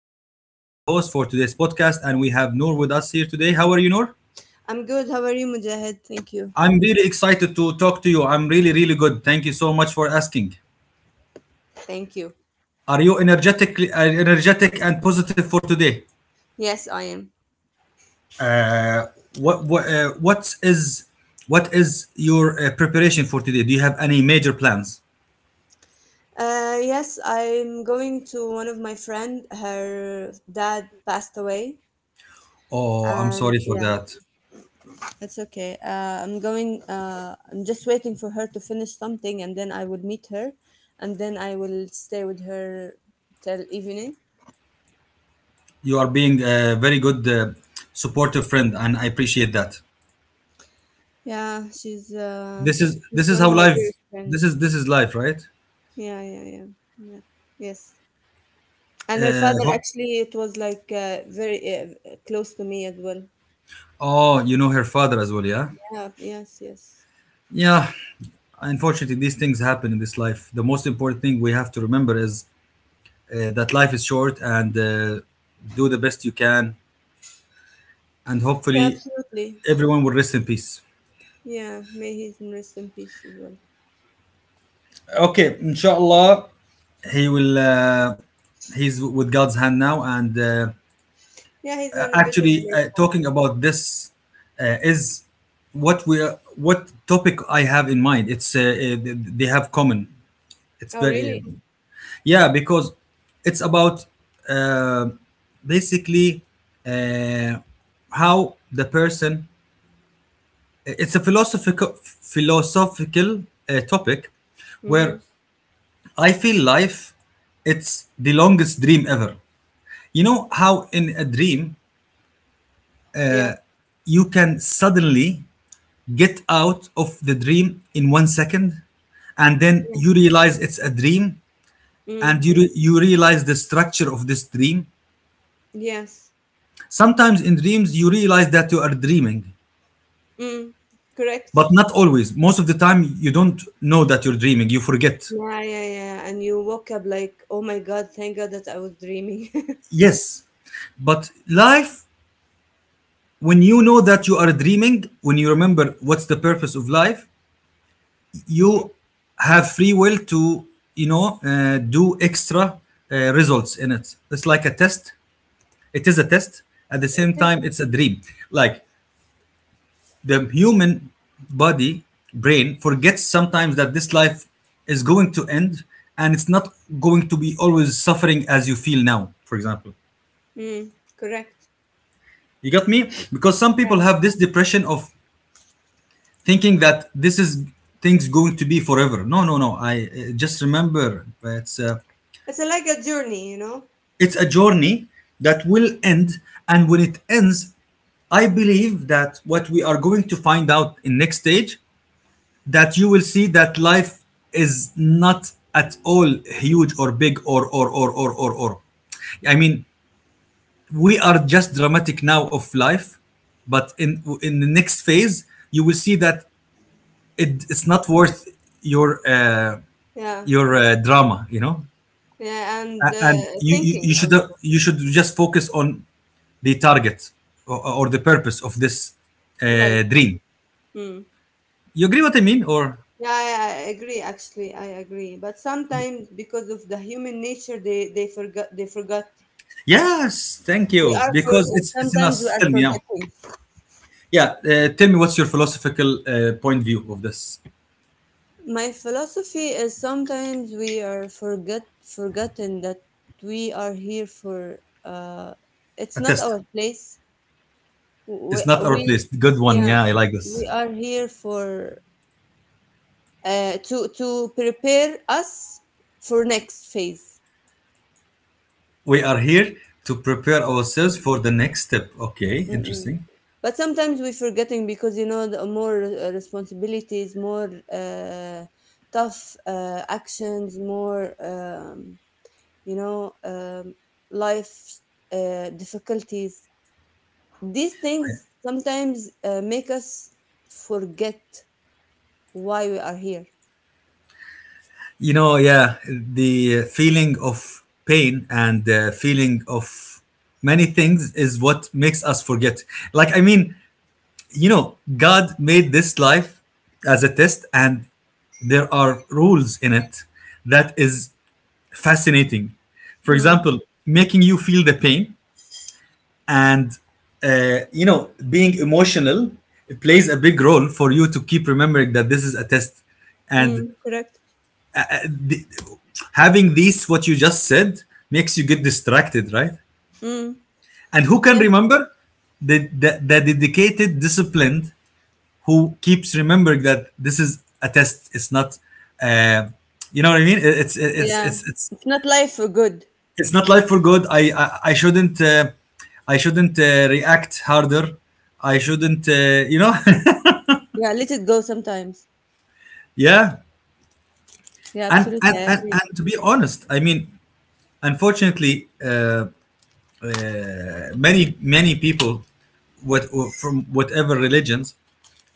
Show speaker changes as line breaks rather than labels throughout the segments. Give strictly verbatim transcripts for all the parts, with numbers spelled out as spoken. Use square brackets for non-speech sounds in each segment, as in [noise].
uh, I am the host for today's podcast. And we have Noor with us here today. How are you, Noor?
I'm good. How are you, Mujahid? Thank you.
I'm really excited to talk to you. I'm really, really good. Thank you so much for asking.
Thank you.
Are you energetic, uh, energetic and positive for today?
Yes, I am.
Uh, what what uh, what is what is your uh, preparation for today? Do you have any major plans?
Uh, yes, I'm going to one of my friend. Her dad passed away,
Oh, I'm
and
sorry for
yeah,
that.
it's okay. Uh, I'm going. Uh, I'm just waiting for her to finish something, and then I will meet her, and then I will stay with her till evening.
You are being a very good uh, supportive friend, and I appreciate that.
Yeah, she's uh,
This is
she's
this is
one of
how
my
life.
dearest friend.
This is this is life, right?
Yeah, yeah, yeah. Yeah. Yes. And her
Uh,
father,
ho-
actually, it was like uh, very uh, close to me as well.
oh, you know her father as well, yeah.
Yeah, yes, yes.
Yeah, unfortunately, these things happen in this life. The most important thing we have to remember is uh, that life is short, and uh, do the best you can, and
Yeah,
hopefully,
absolutely.
everyone will rest in peace.
Yeah, may he's rest in peace as well.
Okay, inshallah, he will. Uh, he's with God's hand now, and. Uh,
Yeah, he's in a better
Actually,
place.
uh, talking about this uh, is what we are- what topic I have in mind. It's uh, uh, they have common. It's
Oh,
very uh,
really?
yeah, because it's about, uh, basically, uh, how the person. It's a philosophical philosophical uh, topic
Mm-hmm.
where I feel life. It's the longest dream ever. You know how in a dream
Yeah,
you can suddenly get out of the dream in one second, and then
yeah.
you realize it's a dream. And
Mm,
you, re- you realize the structure of this dream.
yes.
Sometimes in dreams you realize that you are dreaming,
Mm,
but
correct.
not always. Most of the time you don't know that you're dreaming. You forget.
Yeah, yeah, yeah. And you woke up like, oh my God, thank God that I was dreaming.
Yes, but life, when you know that you are dreaming, when you remember what's the purpose of life,
[laughs]
you
Mm.
have free will to, you know uh, do extra, uh, results in it. It's like a test. It is a test. At the
It
same
is.
time, it's a dream. Like, the human body, brain forgets sometimes that this life is going to end, and it's not going to be always suffering, as you feel now, for example.
Mm, correct.
You got me? Because some
Yeah.
people have this depression of thinking that this is, things going to be forever. No, no, no, I, uh, just remember, uh, it's a,
It's uh, like a journey, you know?
it's a journey that will end. And when it ends, I believe that what we are going to find out in next stage, that you will see that life is not at all huge, or big, or or or or or or I mean, we are just dramatic now of life. But in in the next phase you will see that it, it's not worth your, uh,
Yeah.
your uh, drama you know
Yeah, and
A- and
uh,
you, you you
thinking
should, uh,
also.
you should just focus on the target, or, or the purpose of this
Like,
uh, dream.
mm.
You agree what I mean, or?
Yeah, I, I agree. Actually, I agree. But sometimes, because of the human nature, they they forgot. They forgot.
Yes, thank
We
you,
are for
because it's it's in
Sometimes we
us.
are
Tell me now.
forgetting.
Yeah, uh, tell me, what's your philosophical uh, point view of this?
My philosophy is sometimes we are forget forgotten that we are here for. Uh, it's
A
not
test.
our place. We
It's not our
we
place. Good one.
Yeah,
Yeah, I like this.
we are here for uh, to to prepare us for next phase.
We are here to prepare ourselves for the next step. Okay,
Mm,
interesting.
but sometimes we're forgetting because you know the more uh, responsibilities, more uh, tough uh, actions, more um, you know um, life uh, difficulties. These things sometimes uh, make us forget why we are here.
You know, yeah, the feeling of pain and the feeling of many things is what makes us forget. Like, I mean, you know, God made this life as a test, and there are rules in it that is fascinating. For
Mm,
example, making you feel the pain and, uh, you know being emotional plays a big role for you to keep remembering that this is a test, and
mm, correct.
having these, what you just said, makes you get distracted, right?
Mm,
And who can
yes.
remember? the, the, the dedicated, disciplined, who keeps remembering that this is a test. It's not, uh, you know what I mean, it's it's
Yeah,
it's it's
it's not life for good.
it's not life for good. I I, I shouldn't uh, I shouldn't uh, react harder. I shouldn't uh, you know [laughs]
Yeah, let it go sometimes.
Yeah.
Yeah,
And,
absolutely, I
and and
agree.
and to be honest, I mean, unfortunately, uh, uh, many many people, what, uh, from whatever religions,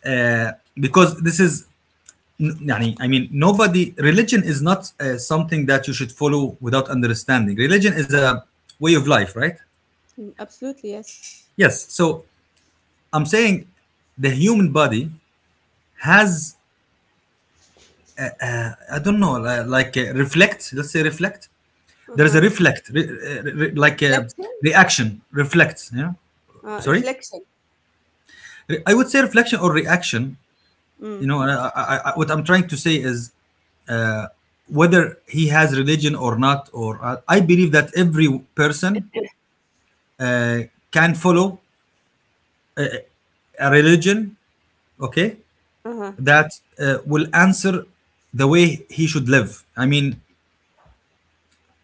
uh, because this is. يعني, I mean, nobody, religion is not uh, something that you should follow without understanding. Religion is a way of life, right?
Mm, absolutely yes.
Yes. So I'm saying the human body has, I don't know, li- like, uh, reflect, let's say, reflect. There's
Uh-huh.
a reflect, re, re, re- like a
Reflection.
reaction, reflect, yeah.
Uh,
Sorry.
reflection.
Re- I would say reflection or reaction.
Mm.
You know I, I, I, what I'm trying to say is, whether he has religion or not, or I, I believe that every person can follow a religion, okay,
Uh-huh.
that uh, will answer the way he should live, I mean.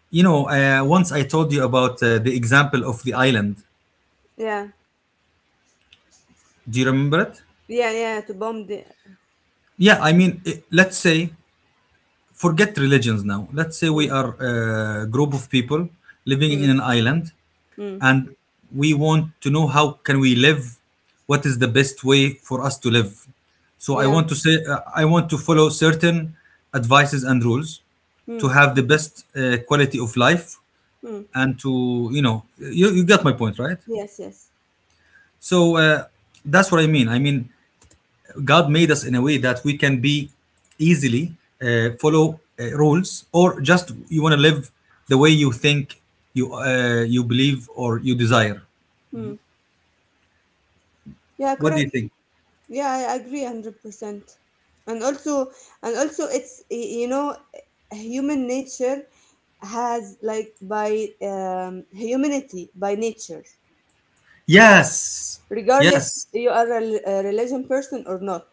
you know uh, Once I told you about uh, the example of the island.
Yeah.
Do you remember it?
Yeah, yeah, to bomb the
Yeah, I mean, eh, let's say, forget religions now. Let's say we
mm,
are a group of people living
mm,
in an island,
mm.
and we want to know how can we live, what is the best way for us to live. So I
Yeah.
want to say, uh, I want to follow certain advices and rules to
Mm,
have the best uh, quality of life,
mm.
and to, you know, you, you got my point, right?
Yes, yes.
So, uh, that's what I mean. I mean, God made us in a way that we can be easily uh, follow uh, rules, or just, you want to live the way you think, you uh, you believe, or you desire.
Mm. Yeah,
What do you
correct.
think?
Yeah, I agree one hundred percent. And also and also, it's y- you know human nature has, like, by um, humanity, by nature,
Yes,
regardless
yes,
you are a, rel- a religion person or not.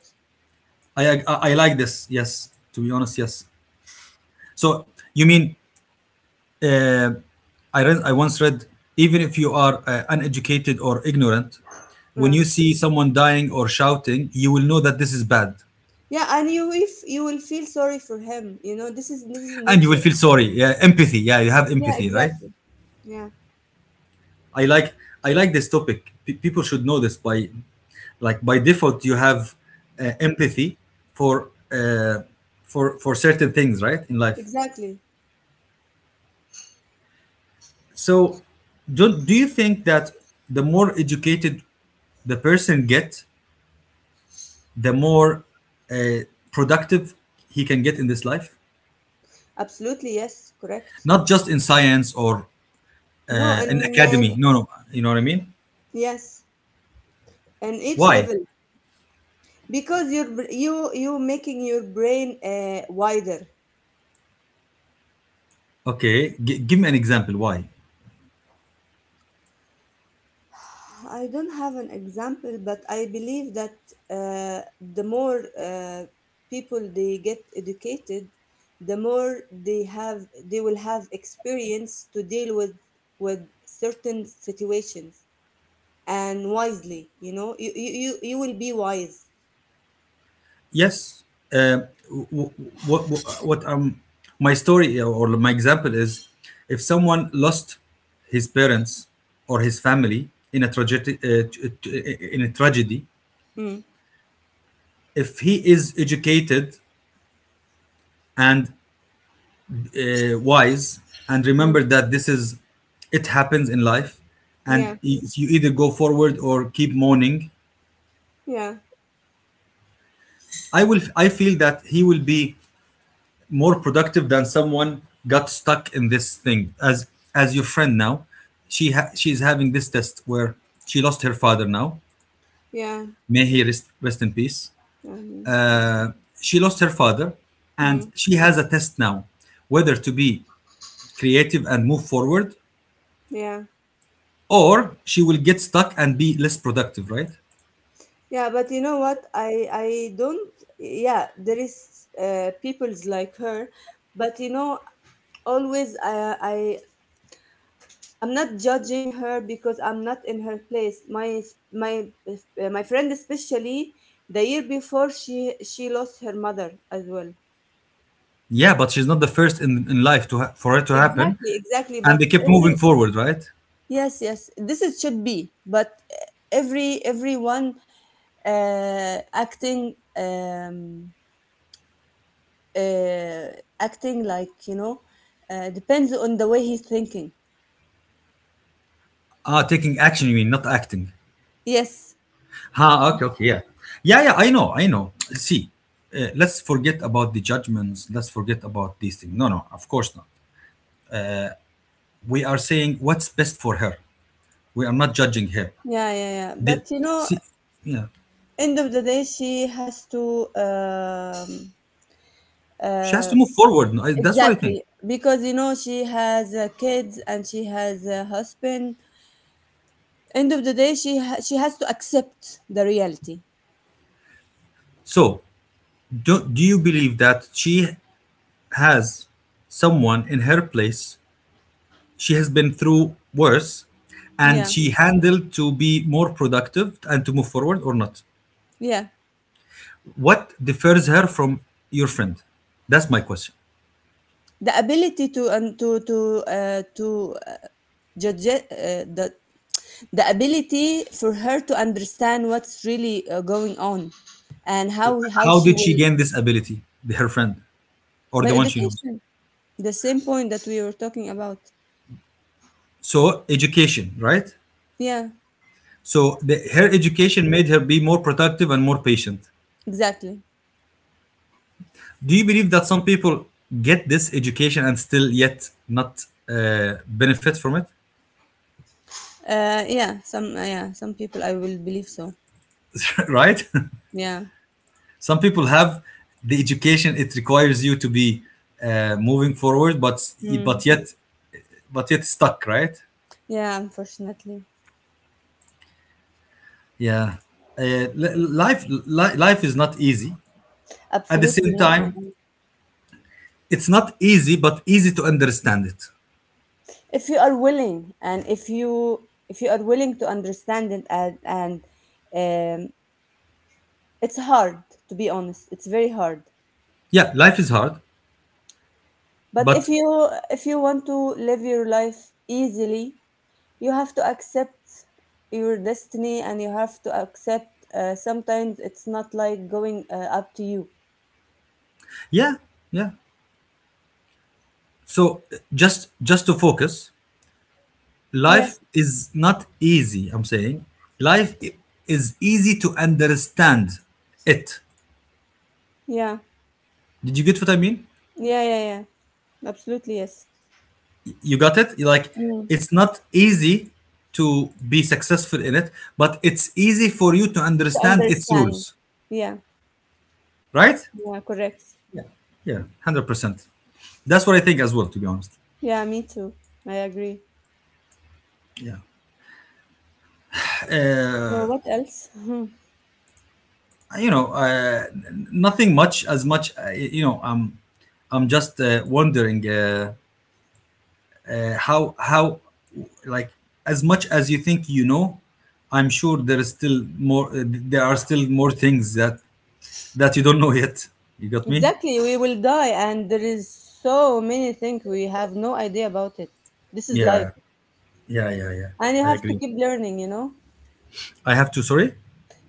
I I, I like this. Yes, to be honest, yes. So you mean, uh, I read, I once read, even if you are uh, uneducated or ignorant, when
Yeah.
you see someone dying or shouting, you will know that this is bad,
Yeah, and you if you will feel sorry for him, you know, this is this is
and you will
nature.
feel sorry. Yeah, empathy. Yeah, you have
Yeah,
empathy, right?
exactly. Yeah,
I like, I like this topic. P- people should know this by, like by default, you have uh, empathy for, uh, for for certain things, right, in life.
exactly.
So, do do you think that the more educated the person gets, the more uh, productive he can get in this life?
Absolutely, yes, correct.
Not just in science or
No,
uh,
and
an
then,
academy. No, no, you know what I mean.
yes, and each
Why?
level because you're br- you you making your brain uh, wider.
Okay, G- give me an example. Why?
I don't have an example, but I believe that uh, the more uh, people they get educated, the more they have they will have experience to deal with with certain situations and wisely. You know, you you you, you will be wise.
Yes. Uh, what, what, what um, my story uh, or my example is, if someone lost his parents or his family in a tragedy, uh, t- t- in a tragedy,
Mm,
if he is educated and uh, wise, and
mm,
remember that this is, it happens in life, and
yeah,
y- you either go forward or keep mourning,
yeah,
I will, I feel that he will be more productive than someone got stuck in this thing, as as your friend now. She ha- she's having this test where she lost her father now,
yeah.
may he rest, rest in peace.
I mean, so.
uh, she lost her father and
Mm,
she has a test now, whether to be creative and move forward,
yeah,
or she will get stuck and be less productive, right?
yeah. But you know what? I I don't. Yeah, there is uh, people's like her, but you know, always I I I'm not judging her because I'm not in her place. My my uh, my friend, especially the year before, she she lost her mother as well.
Yeah, but she's not the first in, in life to ha- for it to happen,
Exactly, exactly.
and
But
they kept
every
moving forward, right?
yes, yes. This is should be, but every everyone uh, acting um, uh, acting like you know uh, depends on the way he's thinking.
Ah, taking action you mean, not acting.
Yes,
Ha, okay, okay, yeah, yeah, yeah. I know, I know. See, uh, let's forget about the judgments. Let's forget about these things. No, no, of course not. We are saying what's best for her. We are not judging her.
yeah, yeah, yeah.
The,
But you know,
see, yeah,
end of the day, she has to. um,
she has to
uh,
move forward. No, I, that's what I think.
exactly, because you know she has uh, kids and she has a husband. End of the day, she ha- she has to accept the reality.
So, do, do you believe that she has someone in her place? She has been through worse,
Yeah,
and she handled to be more productive and to move forward, or not?
yeah.
What differs her from your friend? That's my question.
The ability to and to to uh, to uh, judge uh, the the ability for her to understand what's really uh, going on and how how
How
she
did she
will
gain this ability, the- her friend or
by
the one she knows?
education, the same point that we were talking about.
So, education, right?
Yeah,
So, the, her education made her be more productive and more patient.
exactly.
Do you believe that some people get this education and still yet not uh, benefit from it?
Uh yeah some uh, yeah some people, I will believe so.
[laughs] Right?
Yeah.
[laughs] Some people have the education. It requires you to be uh, moving forward, but
Mm.
but yet but yet stuck, right?
Yeah, unfortunately,
Yeah, uh, li- life li- life is not easy. At the
absolutely
same
not. I
time,
am.
it's not easy, but easy to understand it.
If you are willing, and if you if you are willing to understand it and and um, it's hard, to be honest. It's very hard.
Yeah, life is hard,
But if
but,
you if you want to live your life easily, you have to accept your destiny and you have to accept uh, sometimes it's not like going uh, up to you.
yeah, yeah. So, uh, just just to focus, life
Yes.
is not easy. I'm saying life i- is easy to understand it.
Yeah.
Did you get what I mean?
Yeah, yeah, yeah. Absolutely, yes.
You got it? Like,
Mm.
it's not easy to be successful in it, but it's easy for you to
To
understand its
understand.
rules,
Yeah.
right?
Yeah, correct.
Yeah, yeah, hundred percent. That's what I think as well, to be honest.
Yeah, me too. I agree.
Yeah,
So
uh,
what else? [laughs]
you know, uh, n- nothing much as much. Uh, you know, I'm I'm just uh, wondering, uh, uh, how how like, as much as you think you know, I'm sure there is still more. Uh, there are still more things that that you don't know yet. You got me?
Exactly, we will die, and there is so many things we have no idea about it. This is life,
Yeah, yeah, yeah, yeah.
and you
I
have to
agree.
keep learning. You know,
I have to. Sorry.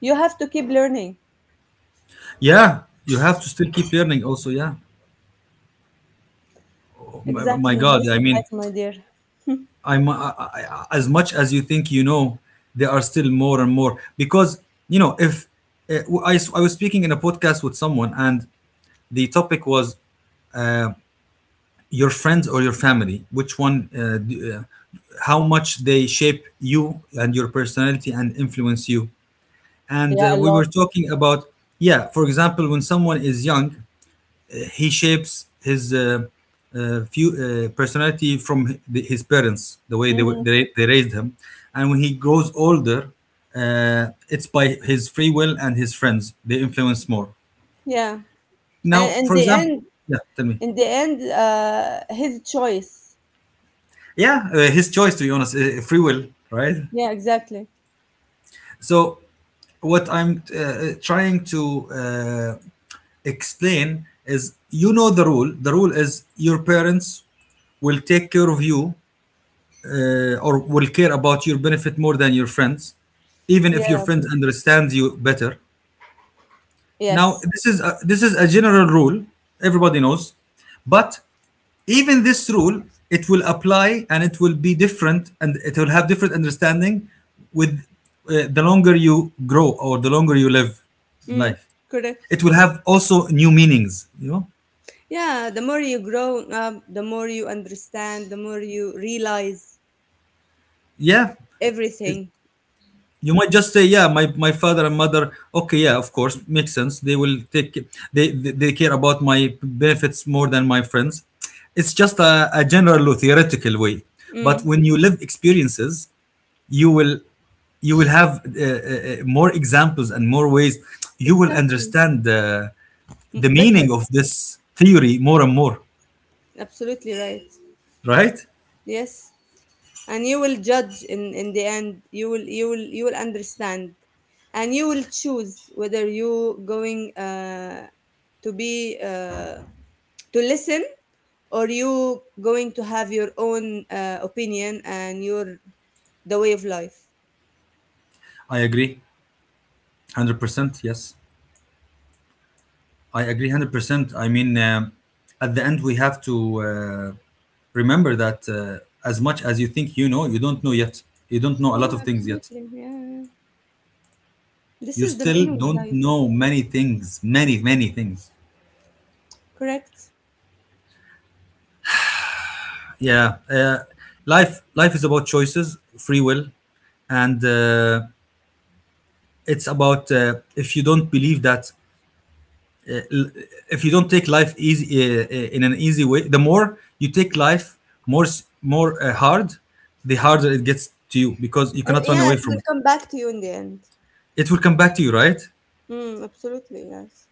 you have to keep learning.
Yeah, you have to still keep learning. Also, yeah. My, my
Exactly,
God,
this
I
is life,
mean,
my dear.
I'm I, I, as much as you think you know, there are still more and more because you know if uh, I s- I was speaking in a podcast with someone, and the topic was your friends or your family, which one, uh, d- uh, how much they shape you and your personality and influence you, and
Yeah,
uh,
a
we were
lot.
talking about yeah, for example, when someone is young he shapes his uh, uh, few, uh, personality from hi- his parents, the way they, were-
Hmm.
they, they raised him. And when he grows older, uh, it's by his free will and his friends. They influence more.
Yeah,
Now,
and in
for
the
example,
end,
yeah, tell me.
in the end, uh, his choice.
Yeah, uh, his choice, to be honest, uh, free will, right?
Yeah, exactly.
So, what I'm uh, trying to uh, explain is you know the rule. The rule is your parents will take care of you, uh, or will care about your benefit more than your friends, even if your
Yeah.
friends understand you better. Now
Yes.
this is a, this is a general rule everybody knows, but even this rule, it will apply and it will be different and it will have different understanding with uh, the longer you grow or the longer you live
Mm,
life.
correct.
It will have also new meanings, you know.
Yeah, the more you grow up, the more you understand, the more you realize
Yeah.
everything.
You might just say, yeah, my, my father and mother, okay, yeah, of course, makes sense. They will take, they, they, they care about my benefits more than my friends. It's just a, a general or theoretical way. But
Mm,
when you live experiences, you will, you will have uh, uh, uh, more examples and more ways. You will
exactly.
understand the, the
M-
meaning
better,
of this theory more and more,
absolutely right.
right?
Yes. And you will judge, in in the end you will you will you will understand, and you will choose whether you going uh, to be uh, to listen, or you going to have your own uh, opinion and your the way of life.
I agree. one hundred percent, yes. I agree one hundred percent. I mean, um at the end, we have to uh, remember that uh, as much as you think you know, you don't know yet. You don't know a lot
Yeah,
of things yet.
absolutely, yeah, yeah. This
You
is the
still
meaning of
don't
life.
know many things, many, many things.
Correct.
Yeah. Uh, life, life is about choices, free will, and uh, it's about, uh, if you don't believe that, if you don't take life easy, uh, uh, in an easy way, the more you take life more s- more uh, hard, the harder it gets to you, because you
Uh,
cannot run
yeah, it
away
will
from it.
come back to you in the end.
It will come back to you, right?
Mm, absolutely yes.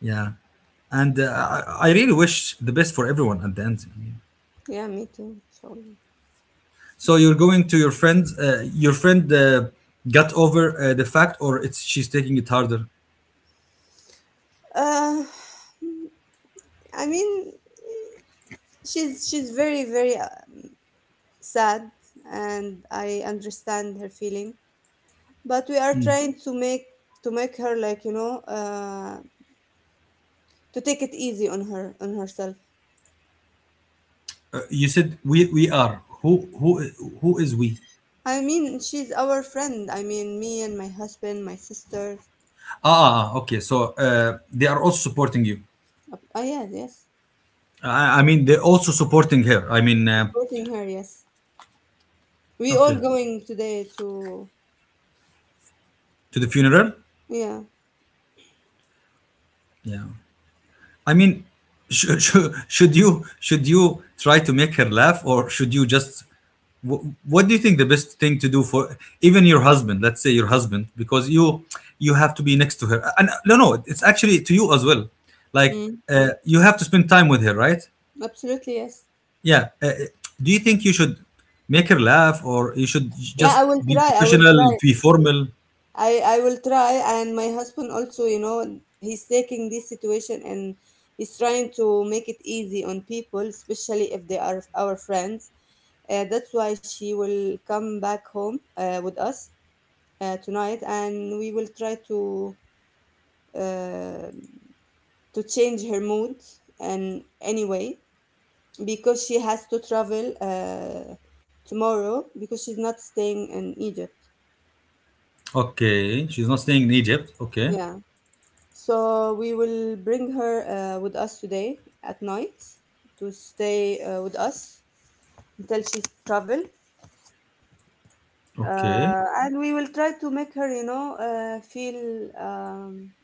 Yeah. And uh, i I really wish the best for everyone at the end, I mean.
Yeah, me too. So.
So you're going to your friend. uh, your friend uh, got over uh, the fact, or it's she's taking it harder?
Uh, I mean, she's she's very very uh, sad, and I understand her feeling. But we are trying to make to make her, like, you know uh, to take it easy on her on herself.
uh, you said we we are, who who who is we? Ah,
I mean, she's our friend. I mean, me and my husband, my sister.
ah, ah, okay, so uh, they are also supporting you.
Uh, ah, yes, yes,
I, I mean, they're also supporting her. I mean, uh,
supporting her. Yes, we all
okay,
going today to
to the funeral.
yeah.
Yeah. I mean, [laughs] should, should, should you should you try to make her laugh, or should you just? wh- What do you think the best thing to do for even your husband? Let's say your husband, because you you have to be next to her. And uh, no, no, it's actually to you as well. Like,
Mm,
uh, you have to spend time with her, right?
absolutely yes.
Yeah. Uh, uh, do you think you should make her laugh, or you should
Yeah,
just
I will
be
try. I will
professional,
try.
be formal?
I I will try, and my husband also, you know he's taking this situation, and he's trying to make it easy on people, especially if they are our friends. Uh, that's why she will come back home uh, with us uh, tonight, and we will try to uh, to change her mood. And anyway, because she has to travel uh, tomorrow, because she's not staying in Egypt.
Okay, she's not staying in Egypt. Okay,
Yeah. So we will bring her uh, with us today at night to stay uh, with us until she travel,
okay.
uh, and we will try to make her, you know, uh, feel um,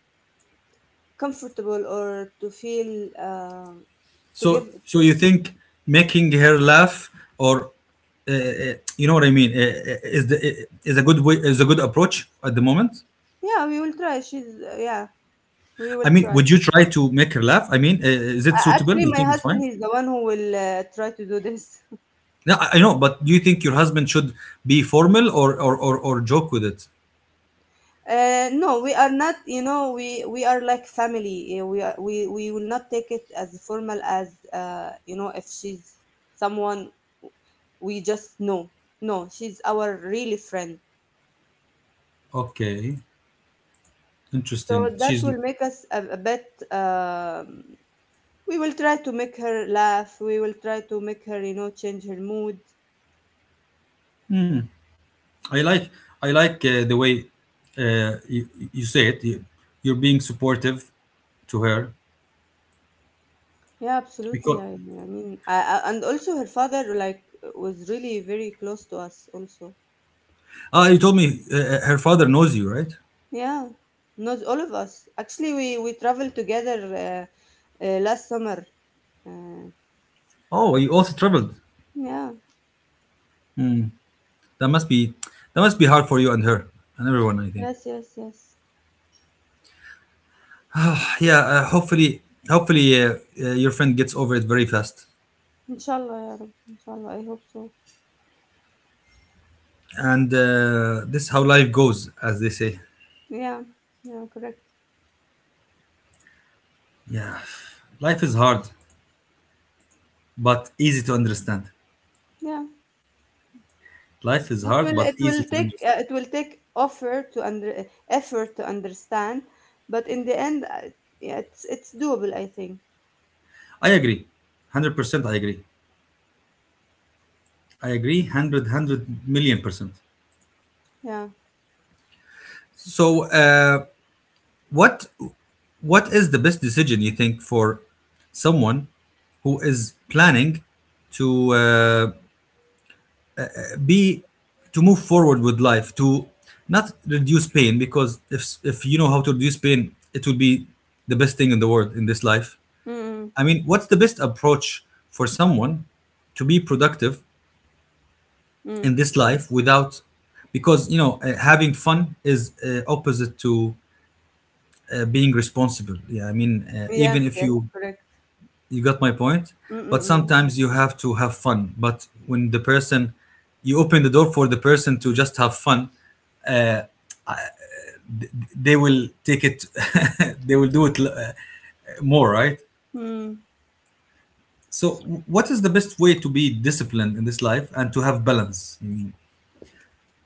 comfortable, or to feel uh, to
So,
give.
so you think making her laugh, or uh, uh, you know what I mean, uh, uh, is the uh, is a good way, is a good approach at the moment?
Yeah, we will try. She's uh, Yeah, we will
I mean,
try.
would you try to make her laugh? I mean, uh, is it
A-
suitable?
Actually,
You
my
think it's
husband,
fine?
he's the one who will uh, try to do this.
No, I I know, but do you think your husband should be formal, or or or, or joke with it?
Uh, no, we are not. You know, we we are like family. uh, We are, we we will not take it as formal as uh, you know if she's someone we just know. No, she's our really friend.
Okay,
So
interesting.
that
She's,
will make us a, a bit. Um, we will try to make her laugh. We will try to make her, you know, change her mood.
I like, I like uh, the way uh, you, you say it. You, you're being supportive to her,
Yeah, absolutely.
because
I, I mean, I, I, and also her father, like, was really very close to us also.
ah, you told me uh, her father knows you, right?
Yeah, not all of us. Actually, we we traveled together uh, uh, last summer. Uh,
Oh, you also traveled.
yeah.
That must be, that must be hard for you and her and everyone, I think.
Yes, yes, yes.
Yeah. Uh, hopefully, hopefully uh, uh, your friend gets over it very fast.
Inshallah, ya Rab. Inshallah, I hope so.
And uh, this is how life goes, as they say.
Yeah. Yeah, correct.
Yeah. Life is hard, but easy to understand.
Yeah.
Life is
It
hard,
will
but
it
easy
will
to
take uh,
understand.
it will take effort to under uh, effort to understand, but in the end, uh, yeah, it's it's doable, I think.
I agree. one hundred percent I agree. I agree 100 percent.
Yeah.
So, uh, what what is the best decision you think for someone who is planning to uh, be to move forward with life, to not reduce pain? Because if if you know how to reduce pain, it will be the best thing in the world in this life.
Mm.
I mean, what's the best approach for someone to be productive
Mm.
in
Mm.
this life without, because you know, uh, having fun is uh, opposite to uh, being responsible. Yeah, I mean, uh, even
Yes,
if
yes,
you,
correct.
you got my point,
Mm.
but
Mm.
sometimes you have to have fun. But when the person, you open the door for the person to just have fun, they will take it. [laughs] They will do it, uh, more, right?
Mm. Mm.
So w- what is the best way to be disciplined in this life and to have balance? You mean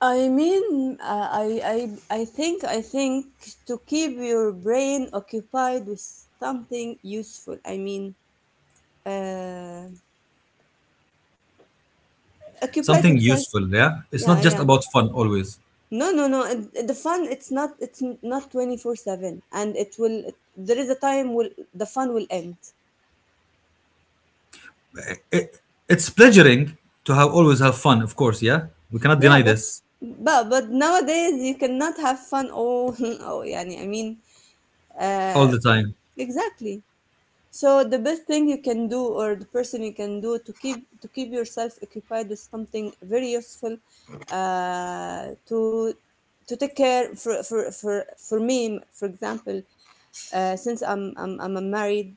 I mean, uh, I, I, I think, I think to keep your brain occupied with something useful. I mean, uh, occupied
something
yourself.
useful, yeah, it's not
Yeah,
just
yeah.
about fun always.
No, no, no. And the fun, it's not, it's not twenty four seven, and it will, there is a time will, the fun will end.
It, it's pleasuring to have, always have fun, of course. Yeah, we cannot
Yeah,
deny
but,
this
but, but nowadays you cannot have fun. Oh, [laughs] oh, yeah, I mean,
all
uh,
the time.
exactly. So the best thing you can do, or the person you can do, to keep to keep yourself occupied with something very useful, uh, to to take care for for for, for me, for example, uh, since I'm I'm I'm married,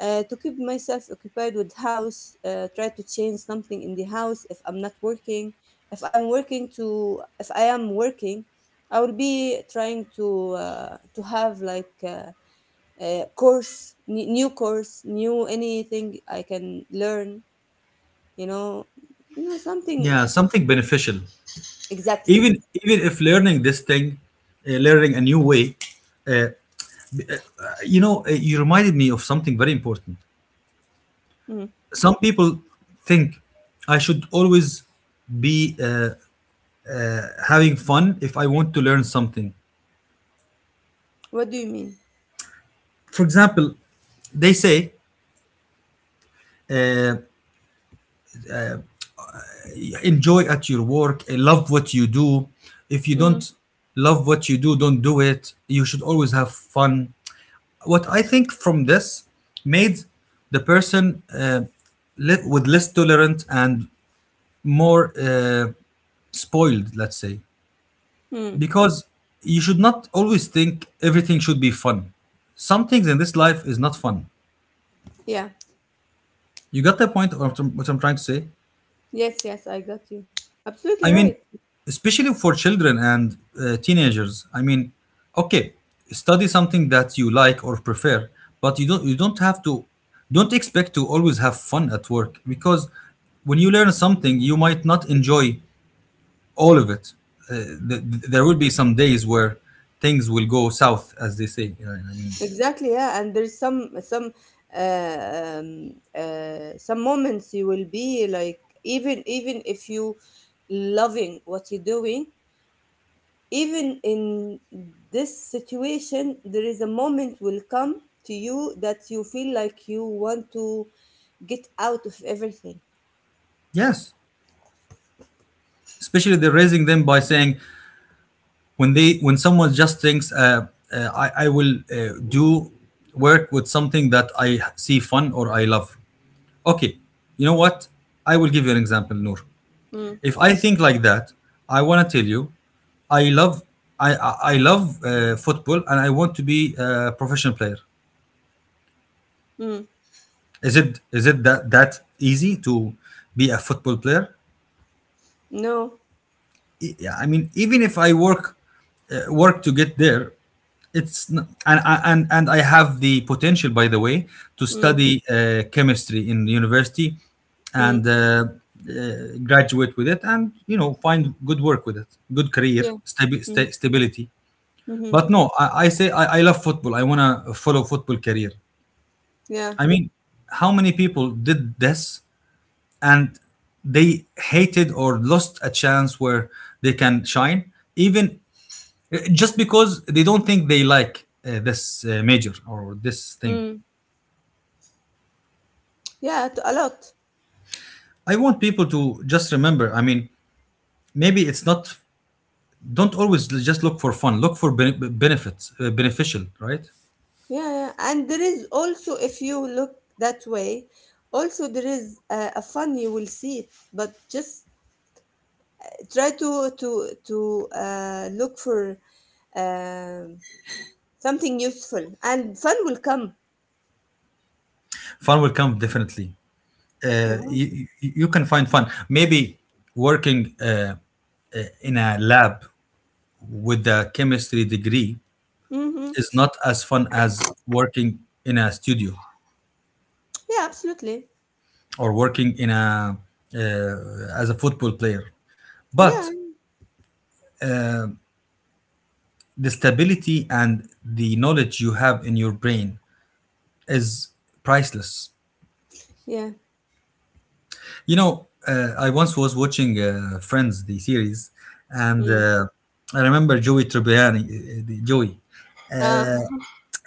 uh, to keep myself occupied with house, uh, try to change something in the house if I'm not working, if I'm working to if I am working, I will be trying to uh, to have like. Uh, uh, course n- new course, new anything I can learn. You know, you know something.
Yeah, something beneficial.
Exactly.
Even, even if learning this thing, uh, learning a new way, uh, you know, uh, you reminded me of something very important.
Mm.
Some people think I should always be uh, having fun if I want to learn something.
What do you mean?
For example, they say, uh, enjoy at your work, uh, love what you do. If you
Mm.
don't love what you do, don't do it. You should always have fun. What I think from this, made the person uh, li- with less tolerant and more uh, spoiled, let's say.
Mm.
Because you should not always think everything should be fun. Some things in this life is not fun.
Yeah,
You got the point of what i'm what I'm trying to say.
yes, yes, I got you. Absolutely
I
right.
mean, especially for children and uh, teenagers. I mean, okay, study something that you like or prefer, but you don't, you don't have to, don't expect to always have fun at work. Because when you learn something, you might not enjoy all of it. Uh, th- th- there will be some days where things will go south, as they say. You know what I mean,
Exactly. Yeah, and there's some some uh, um, uh, some moments you will be like, even even if you loving what you're doing, even in this situation, there is a moment will come to you that you feel like you want to get out of everything.
yes. Especially they're raising them by saying, when they, when someone just thinks uh, uh, I, I will uh, do work with something that I see fun or I love. Okay, you know what, I will give you an example, Noor.
Mm,
If I think like that, I want to tell you, I love, i i, I love uh, football, and I want to be a professional player.
mm,
Is it, is it that, that easy to be a football player?
no,
E- yeah, I mean, even if I work uh, work to get there, it's n- and and and and I have the potential, by the way, to
mm,
study uh, chemistry in university
mm,
and uh, uh, graduate with it, and you know, find good work with it, good career,
yeah,
stabi-
mm,
sta- stability.
mhm,
But no, I, I say I, I love football. I want to follow football career.
yeah,
I mean, how many people did this and they hated or lost a chance where they can shine? Even just because they don't think they like uh, this uh, major or this thing.
mm, yeah, to- a lot.
I want people to just remember. I mean, maybe it's not. Don't always l- just look for fun. Look for bene- benefits, uh, beneficial, right?
Yeah, yeah, and there is also, if you look that way, also there is a, a fun, you will see it, but just try to to to uh, look for um something useful, and fun will come.
Fun will come definitely. Uh,
Mhm.
you, you can find fun. Maybe working uh, uh, in a lab with a chemistry degree
Mm-hmm.
is not as fun as working in a studio,
Yeah, absolutely.
or working in a uh, as a football player, but
Yeah,
the stability and the knowledge you have in your brain is priceless.
yeah.
You know, uh, I once was watching uh, Friends, the series, and
Mm.
uh, I remember Joey Tribbiani, uh, uh, the- Joey.
Uh,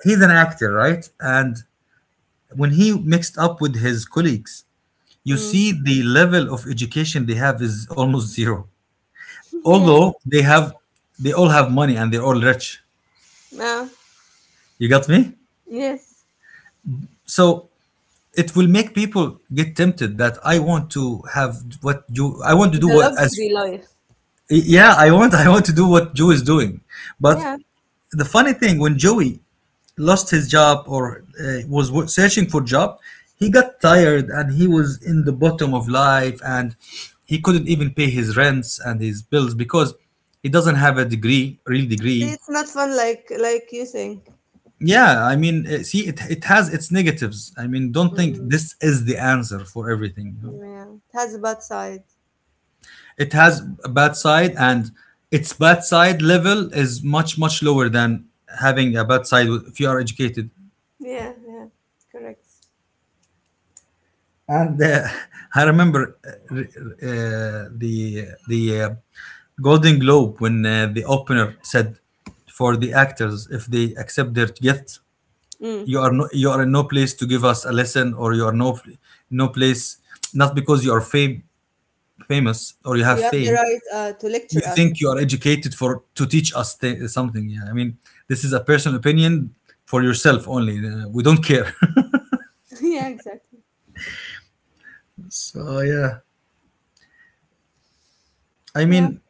He's an actor, right? And when he mixed up with his colleagues, you
mm.
see the level of education they have is almost zero.
[laughs] Yeah.
Although they have, they all have money and they're all rich.
Uh,
You got me?
yes.
So it will make people get tempted that I want to have what you I want to do
The
what
luxury
as
life.
yeah. I want [laughs] I want to do what Joe is doing, but
Yeah.
the funny thing, when Joey lost his job or uh, was wo- searching for job, he got tired and he was in the bottom of life, and he couldn't even pay his rents and his bills because he doesn't have a degree real
See,
degree.
it's not fun, like like you think.
Yeah i mean uh, see, it, it has its negatives. I mean, don't think
Mm-mm.
this is the answer for everything.
Yeah, it has a bad side.
It has a bad side, and its bad side level is much much lower than having a bad side if you are educated.
Yeah, yeah. Correct.
And uh, [laughs] I remember uh, uh, the the uh, Golden Globe when uh, the opener said for the actors, if they accept their gift,
Mm.
you are no, you are in no place to give us a lesson, or you are no no place, not because you are fame famous or you
You
have
have the
fame,
right uh, to
you
lecture us.
think you are educated for to teach us th- something. Yeah i mean this is a personal opinion for yourself only. Uh, we don't care.
[laughs] Yeah, exactly.
[laughs] so yeah, i
Yeah.
mean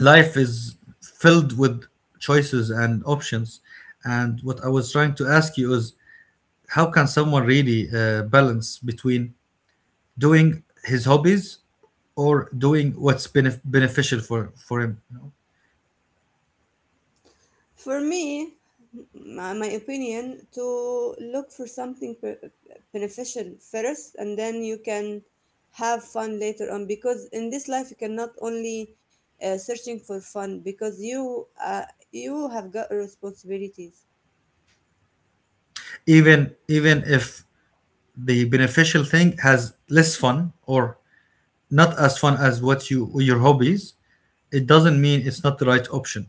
life is filled with choices and options, and what I was trying to ask you is, how can someone really uh, balance between doing his hobbies or doing what's benef- beneficial for for him?
For me, my, my opinion, to look for something per- beneficial first, and then you can have fun later on. Because in this life, you cannot only uh, searching for fun, because you uh, you have got responsibilities.
Even even if the beneficial thing has less fun or not as fun as what you your hobbies, it doesn't mean it's not the right option,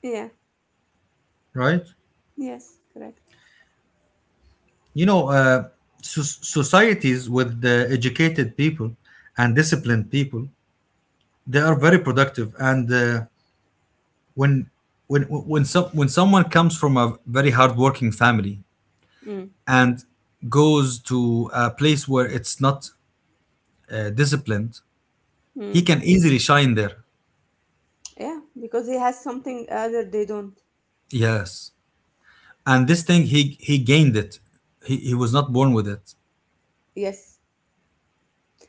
Yeah.
right?
Yes. Correct.
You know uh, so- societies with the educated people and disciplined people, they are very productive. And uh, when when when some when someone comes from a very hardworking family
Mm.
and goes to a place where it's not uh, disciplined,
Mm.
he can easily shine there.
Yeah. Because he has something other they don't.
Yes, and this thing, he he gained it. He, he was not born with it.
Yes.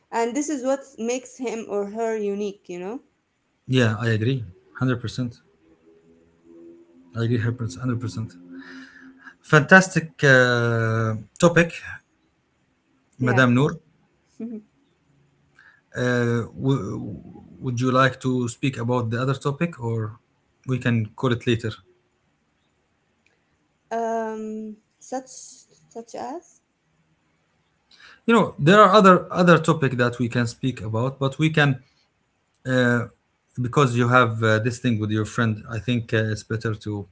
And this is what makes him or her unique. You know.
Yeah, I agree. one hundred percent. I agree one hundred percent. Fantastic uh, topic,
Yeah.
Madame Noor.
[laughs]
Uh, w- would you like to speak about the other topic, or we can call it later?
Um, such such as
You know, there are other other topic that we can speak about, but we can, uh, because you have uh, this thing with your friend, I think uh, it's better to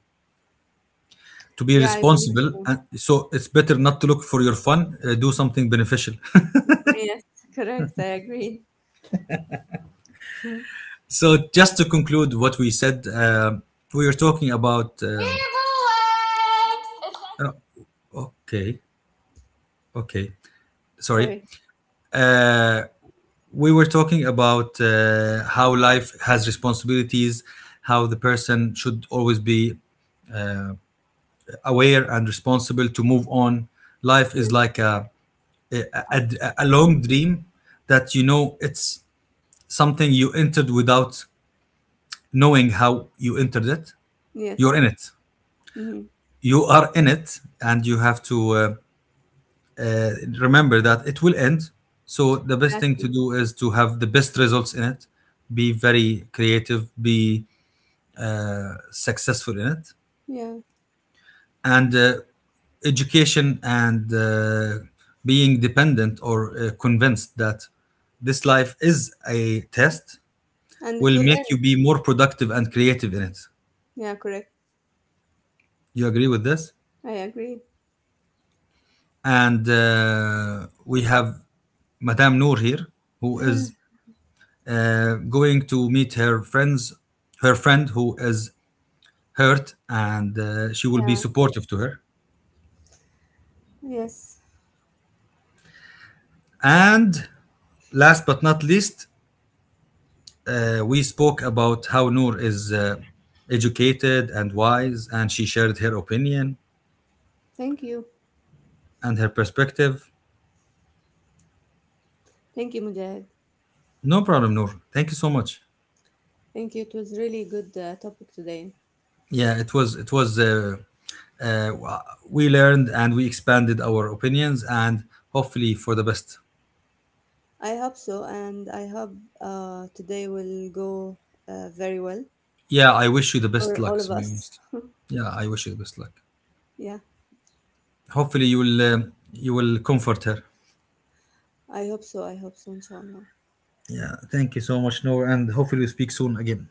to be
yeah, I believe
responsible,
so.
and so it's better not to look for your fun, uh, do something beneficial.
Yes, [laughs] correct. I agree. [laughs] Hmm.
So just to conclude what we said, uh, we were talking about, uh, okay, okay, sorry.
Sorry.
Uh, we were talking about uh, how life has responsibilities, how the person should always be aware and responsible to move on. Life is
Yes,
like a a,
I,
a, a long dream that, you know, it's something you entered without knowing how you entered it. You're in
yes,
it.
hmm,
You are in it, and you have to, Uh, uh, remember that it will end. So the best thing to
exactly.
do is to have the best results in it, be very creative, be uh, successful in it,
Yeah,
and uh, education, and uh, being dependent or uh, convinced that this life is a test
and it
will
will
make you
end.
be more productive and creative in it.
Yeah, correct.
You agree with this?
I agree.
And uh, we have Madame Noor here, who
[sighs]
is uh, going to meet her friends, her friend who is hurt, and uh, she will be
Yeah,
supportive to her.
yes.
And last but not least, uh, we spoke about how Noor is uh, educated and wise, and she shared her opinion
Thank you.
and her perspective.
Thank you, Mujahid.
No problem, Noor. Thank you so much.
Thank you. It was really good uh, topic today.
Yeah, it was it was. Uh, uh, we learned and we expanded our opinions, and hopefully for the best.
I hope so, and I hope uh, today will go uh, very well
Yeah, I wish you the best
for
luck.
all
To
of
be
us.
honest, yeah, I wish you the best luck.
Yeah.
Hopefully, you will um you will comfort her.
I hope so. I hope so, inshallah.
Yeah, thank you so much, Noor, and hopefully we speak soon again.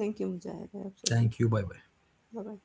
Thank you, Mujahid. I hope so too.
Thank you. Bye bye.
Bye bye.